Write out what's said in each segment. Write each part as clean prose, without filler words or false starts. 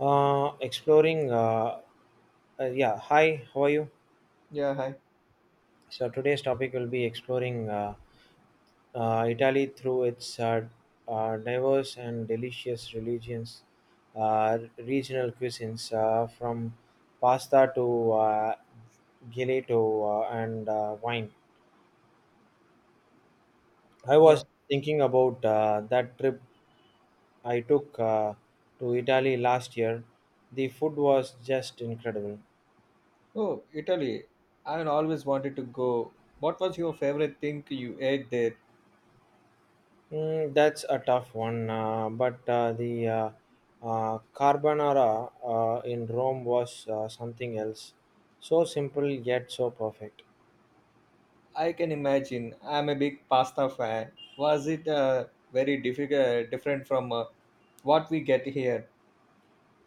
Exploring. Yeah, hi, how are you? Yeah, hi. So today's topic will be exploring Italy through its diverse and delicious religions, regional cuisines, from pasta to gelato, and wine. I was Yeah. thinking about that trip I took to Italy last year. The food was just incredible. Oh, Italy. I always wanted to go. What was your favorite thing you ate there? Mm, that's a tough one, but the carbonara in Rome was something else. So simple yet so perfect. I can imagine. I'm a big pasta fan. Was it very difficult, different from what we get here?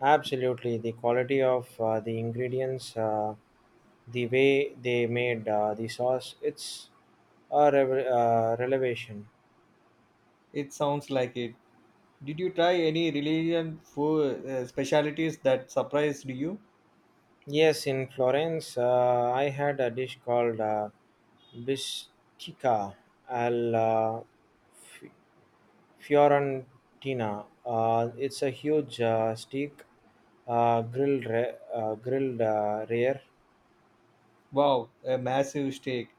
Absolutely, the quality of the ingredients, the way they made the sauce, it's a revelation. It sounds like it. Did you try any religion food specialities that surprised you? Yes, in Florence, I had a dish called bistica al uh, Fiorentina. It's a huge steak, grilled grilled rare. Wow, a massive steak.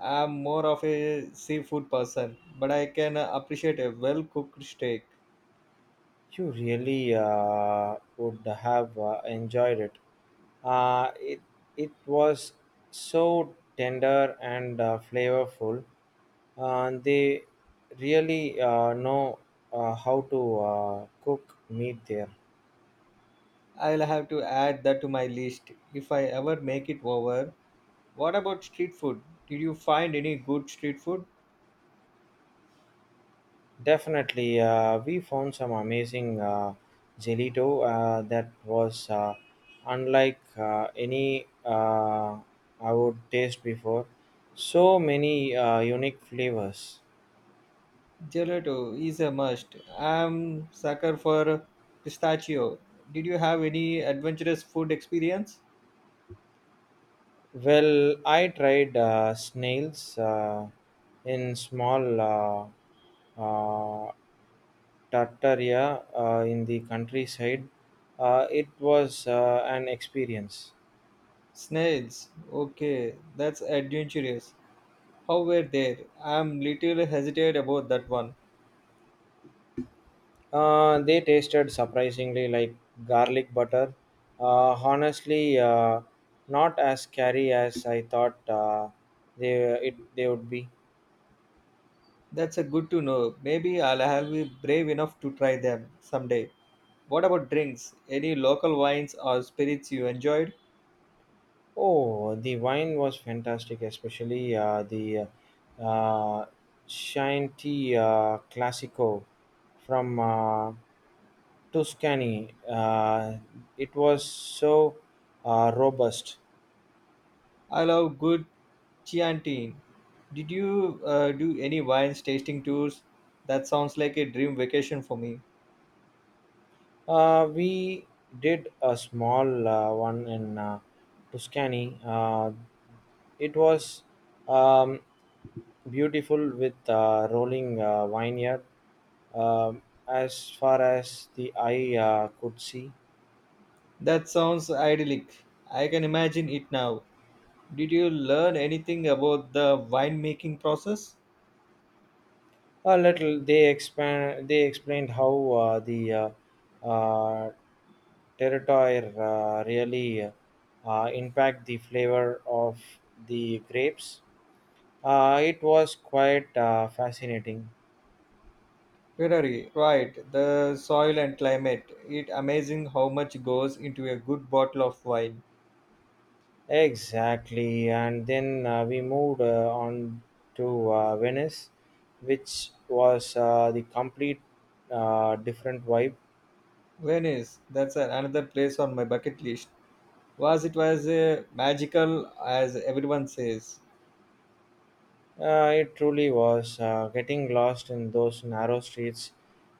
I'm more of a seafood person, but I can appreciate a well cooked steak. You really would have enjoyed it. Uh, it it was so tender and flavorful. They really know how to cook meat there. I'll have to add that to my list if I ever make it over. What about street food? Did you find any good street food? Definitely, we found some amazing gelato that was unlike any I would taste before. So many unique flavors. Gelato is a must. I'm sucker for pistachio. Did you have any adventurous food experience? Well, I tried snails in small uh, tartaria in the countryside. It was an experience. Snails. Okay, that's adventurous. How were they? I'm little hesitant about that one. They tasted surprisingly like garlic butter. Honestly, not as scary as I thought they would be. That's a good to know. Maybe I'll have be brave enough to try them someday. What about drinks? Any local wines or spirits you enjoyed? Oh, the wine was fantastic, especially the uh, Chianti Classico from Tuscany. It was so robust. I love good Chianti. Did you do any wines tasting tours? That sounds like a dream vacation for me. We did a small one in Tuscany. It was um, beautiful with rolling vineyard, as far as the eye could see. That sounds idyllic. I can imagine it now. Did you learn anything about the winemaking process? A little, they expand. They explained how the uh, territory really impact the flavor of the grapes. It was quite fascinating. Terrari, right, the soil and climate. It amazing how much goes into a good bottle of wine. Exactly, and then we moved on to Venice, which was the complete different vibe. Venice, another place on my bucket list. Was it was magical as everyone says. It truly was. Getting lost in those narrow streets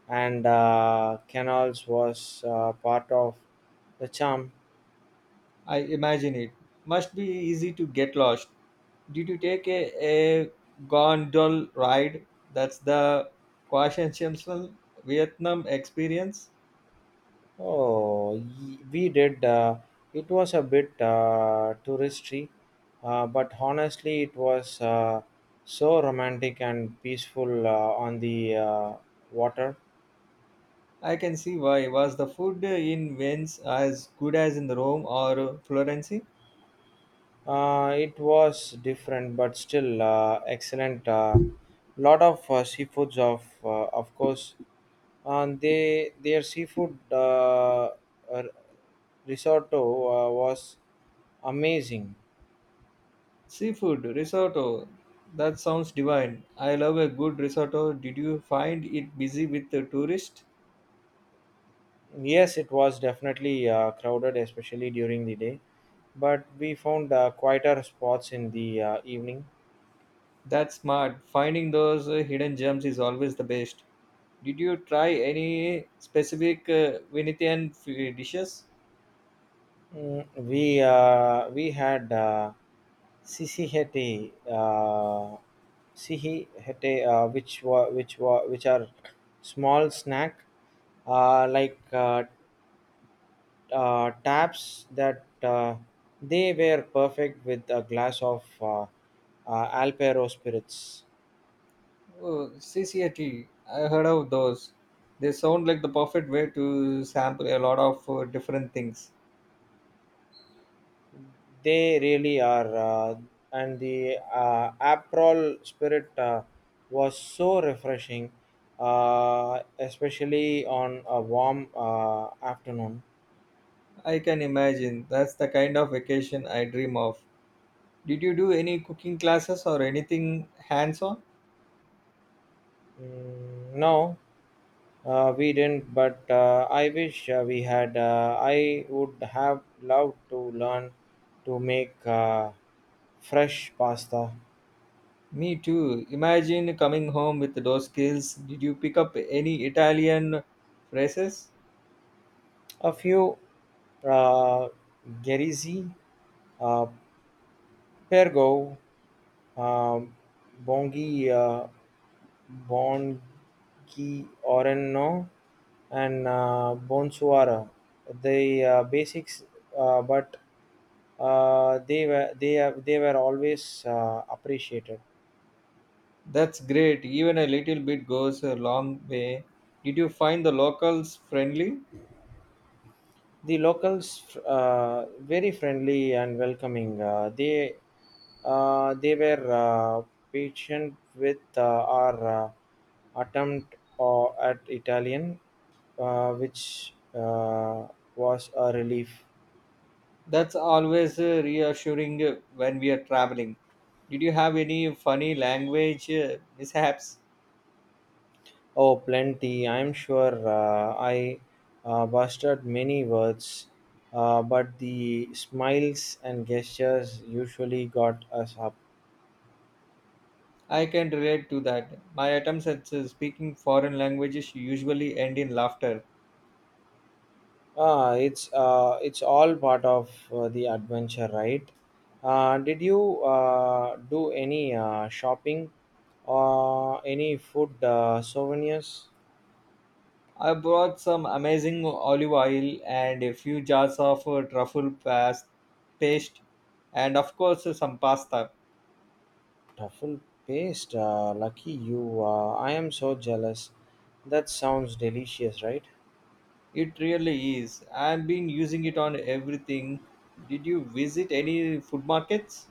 and canals was part of the charm. I imagine it must be easy to get lost. Did you take a gondola ride? That's the quintessential Vietnam experience. Oh, we did. It was a bit touristy, but honestly, it was so romantic and peaceful on the water. I can see why. Was the food in Venice as good as in Rome or Florence? It was different, but still excellent. Lot of seafoods, of course, and they their seafood uh, risotto was amazing. Seafood risotto. That sounds divine. I love a good risotto. Did you find it busy with the tourists? Yes, it was definitely crowded, especially during the day, but we found quieter spots in the evening. That's smart. Finding those hidden gems is always the best. Did you try any specific dishes? We had Sisihete, Sihihete, which are small snack, like taps, that they were perfect with a glass of Alpero spirits. Oh, CCAT. Heard of those. They sound like the perfect way to sample a lot of different things. They really are. And the April spirit was so refreshing, especially on a warm afternoon. I can imagine. That's the kind of vacation I dream of. Did you do any cooking classes or anything hands on? Mm, no, we didn't, but I wish we had. I would have loved to learn to make fresh pasta. Me too. Imagine coming home with those skills. Did you pick up any Italian phrases? A few: uh, Gerizi, uh, Pergo, um, Bongi uh, Bongiorno, and Bonsoir. The basics, but they were always appreciated. That's great. Even a little bit goes a long way. Did you find the locals friendly? The locals, very friendly and welcoming. They were patient with our attempt at Italian, which was a relief. That's always reassuring when we are traveling. Did you have any funny language mishaps? Oh, plenty. I'm sure I busted many words, but the smiles and gestures usually got us up. I can relate to that. My attempts at speaking foreign languages usually end in laughter. Ah, it's all part of the adventure, right? Did you do any shopping or any food souvenirs? I brought some amazing olive oil and a few jars of paste, and of course, some pasta. Truffle paste. Lucky you. I am so jealous. That sounds delicious, right? It really is. I've been using it on everything. Did you visit any food markets?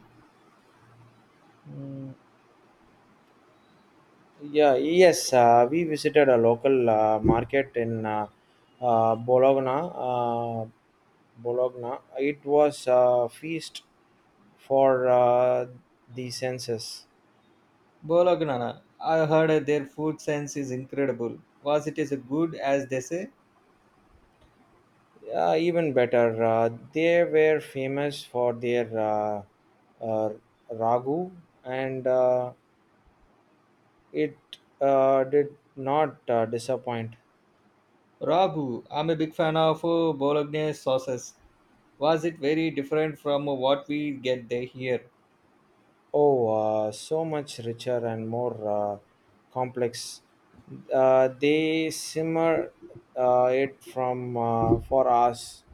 Yeah, yes, we visited a local market in Bologna. Bologna. It was a feast for the senses. Bolagnana. I heard their food sense is incredible. Was it as good as they say? Even better, they were famous for their uh, ragu, and it did not disappoint. Ragu. I'm a big fan of Bologna sauces. Was it very different from what we get there here? Oh, so much richer and more complex. They simmer it from for us.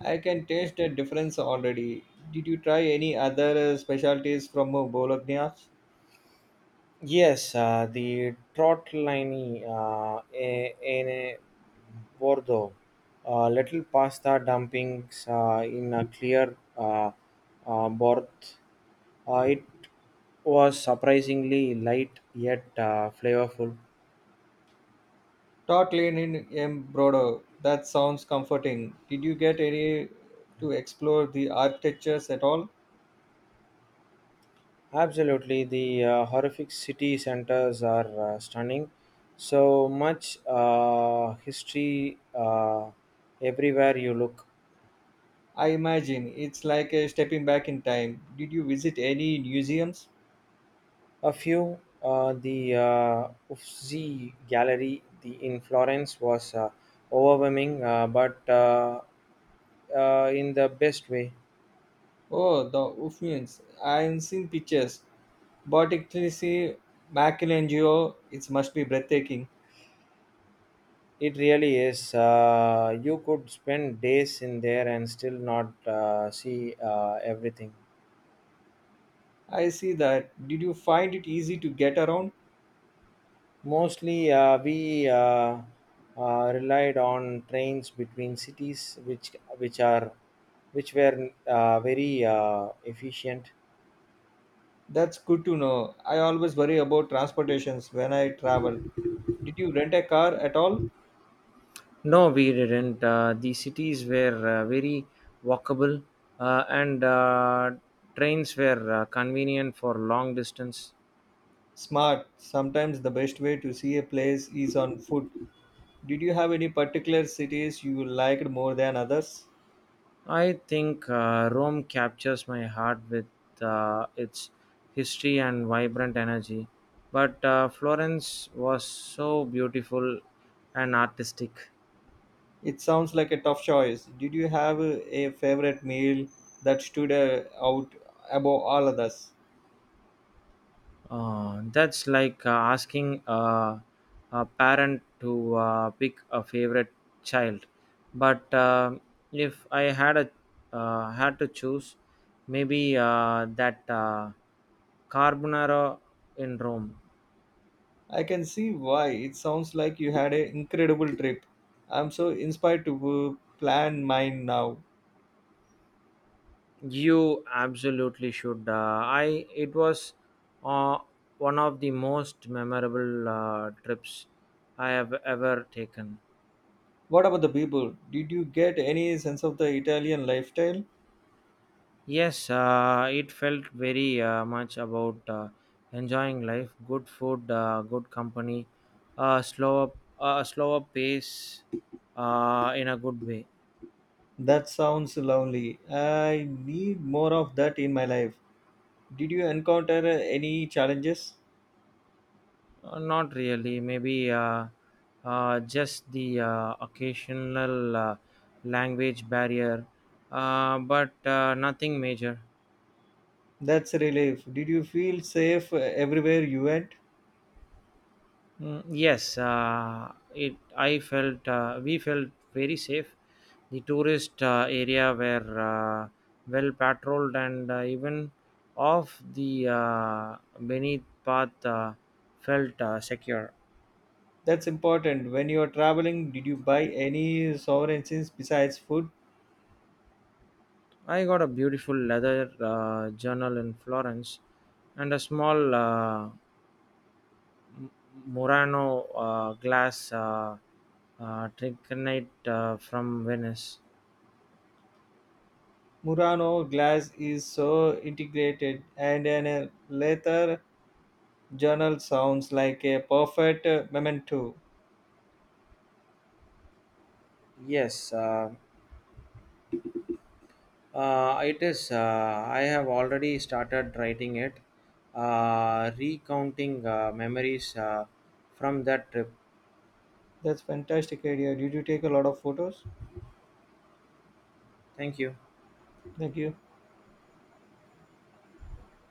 I can taste the difference already. Did you try any other specialties from Bologna? Yes, the tortellini in a Bordeaux, little pasta dumpings in a clear broth. It was surprisingly light yet flavorful. Totlin in Embrodo. That sounds comforting. Did you get any to explore the architectures at all? Absolutely, the horrific city centers are stunning. So much history everywhere you look. I imagine it's like a stepping back in time. Did you visit any museums? A few, the Uffizi Gallery, in Florence, was overwhelming, but in the best way. Oh, the Uffians. I've seen pictures. Botticelli, Michelangelo. It must be breathtaking. It really is. You could spend days in there and still not see everything. I see that. Did you find it easy to get around? Mostly, we relied on trains between cities, which were very efficient. That's good to know. I always worry about transportations when I travel. Did you rent a car at all? No, we didn't. The cities were very walkable, and trains were convenient for long distance. Smart. Sometimes the best way to see a place is on foot. Did you have any particular cities you liked more than others? I think Rome captures my heart with its history and vibrant energy, but Florence was so beautiful and artistic. It sounds like a tough choice. Did you have a favorite meal that stood out above all others? That's like asking a parent to pick a favorite child. But if I had to choose, maybe that carbonara in Rome. I can see why. It sounds like you had an incredible trip. I'm so inspired to plan mine now. You absolutely should. I it was uh, one of the most memorable trips I have ever taken. What about the people? Did you get any sense of the Italian lifestyle? Yes, it felt very much about enjoying life, good food, good company, slower pace, in a good way. That sounds lonely. I need more of that in my life. Did you encounter any challenges? Not really. Maybe just the occasional language barrier, but nothing major. That's a relief. Did you feel safe everywhere you went? Mm, yes, it. I felt we felt very safe. The tourist area were well patrolled, and even off the beneath path felt secure. That's important. When you are traveling, did you buy any souvenirs besides food? I got a beautiful leather journal in Florence and a small Murano glass trichonite from Venice. Murano glass is so integrated, and a leather journal sounds like a perfect memento. Yes, it is. I have already started writing it, recounting memories from that trip. That's fantastic idea. Did you take a lot of photos? Thank you. Thank you.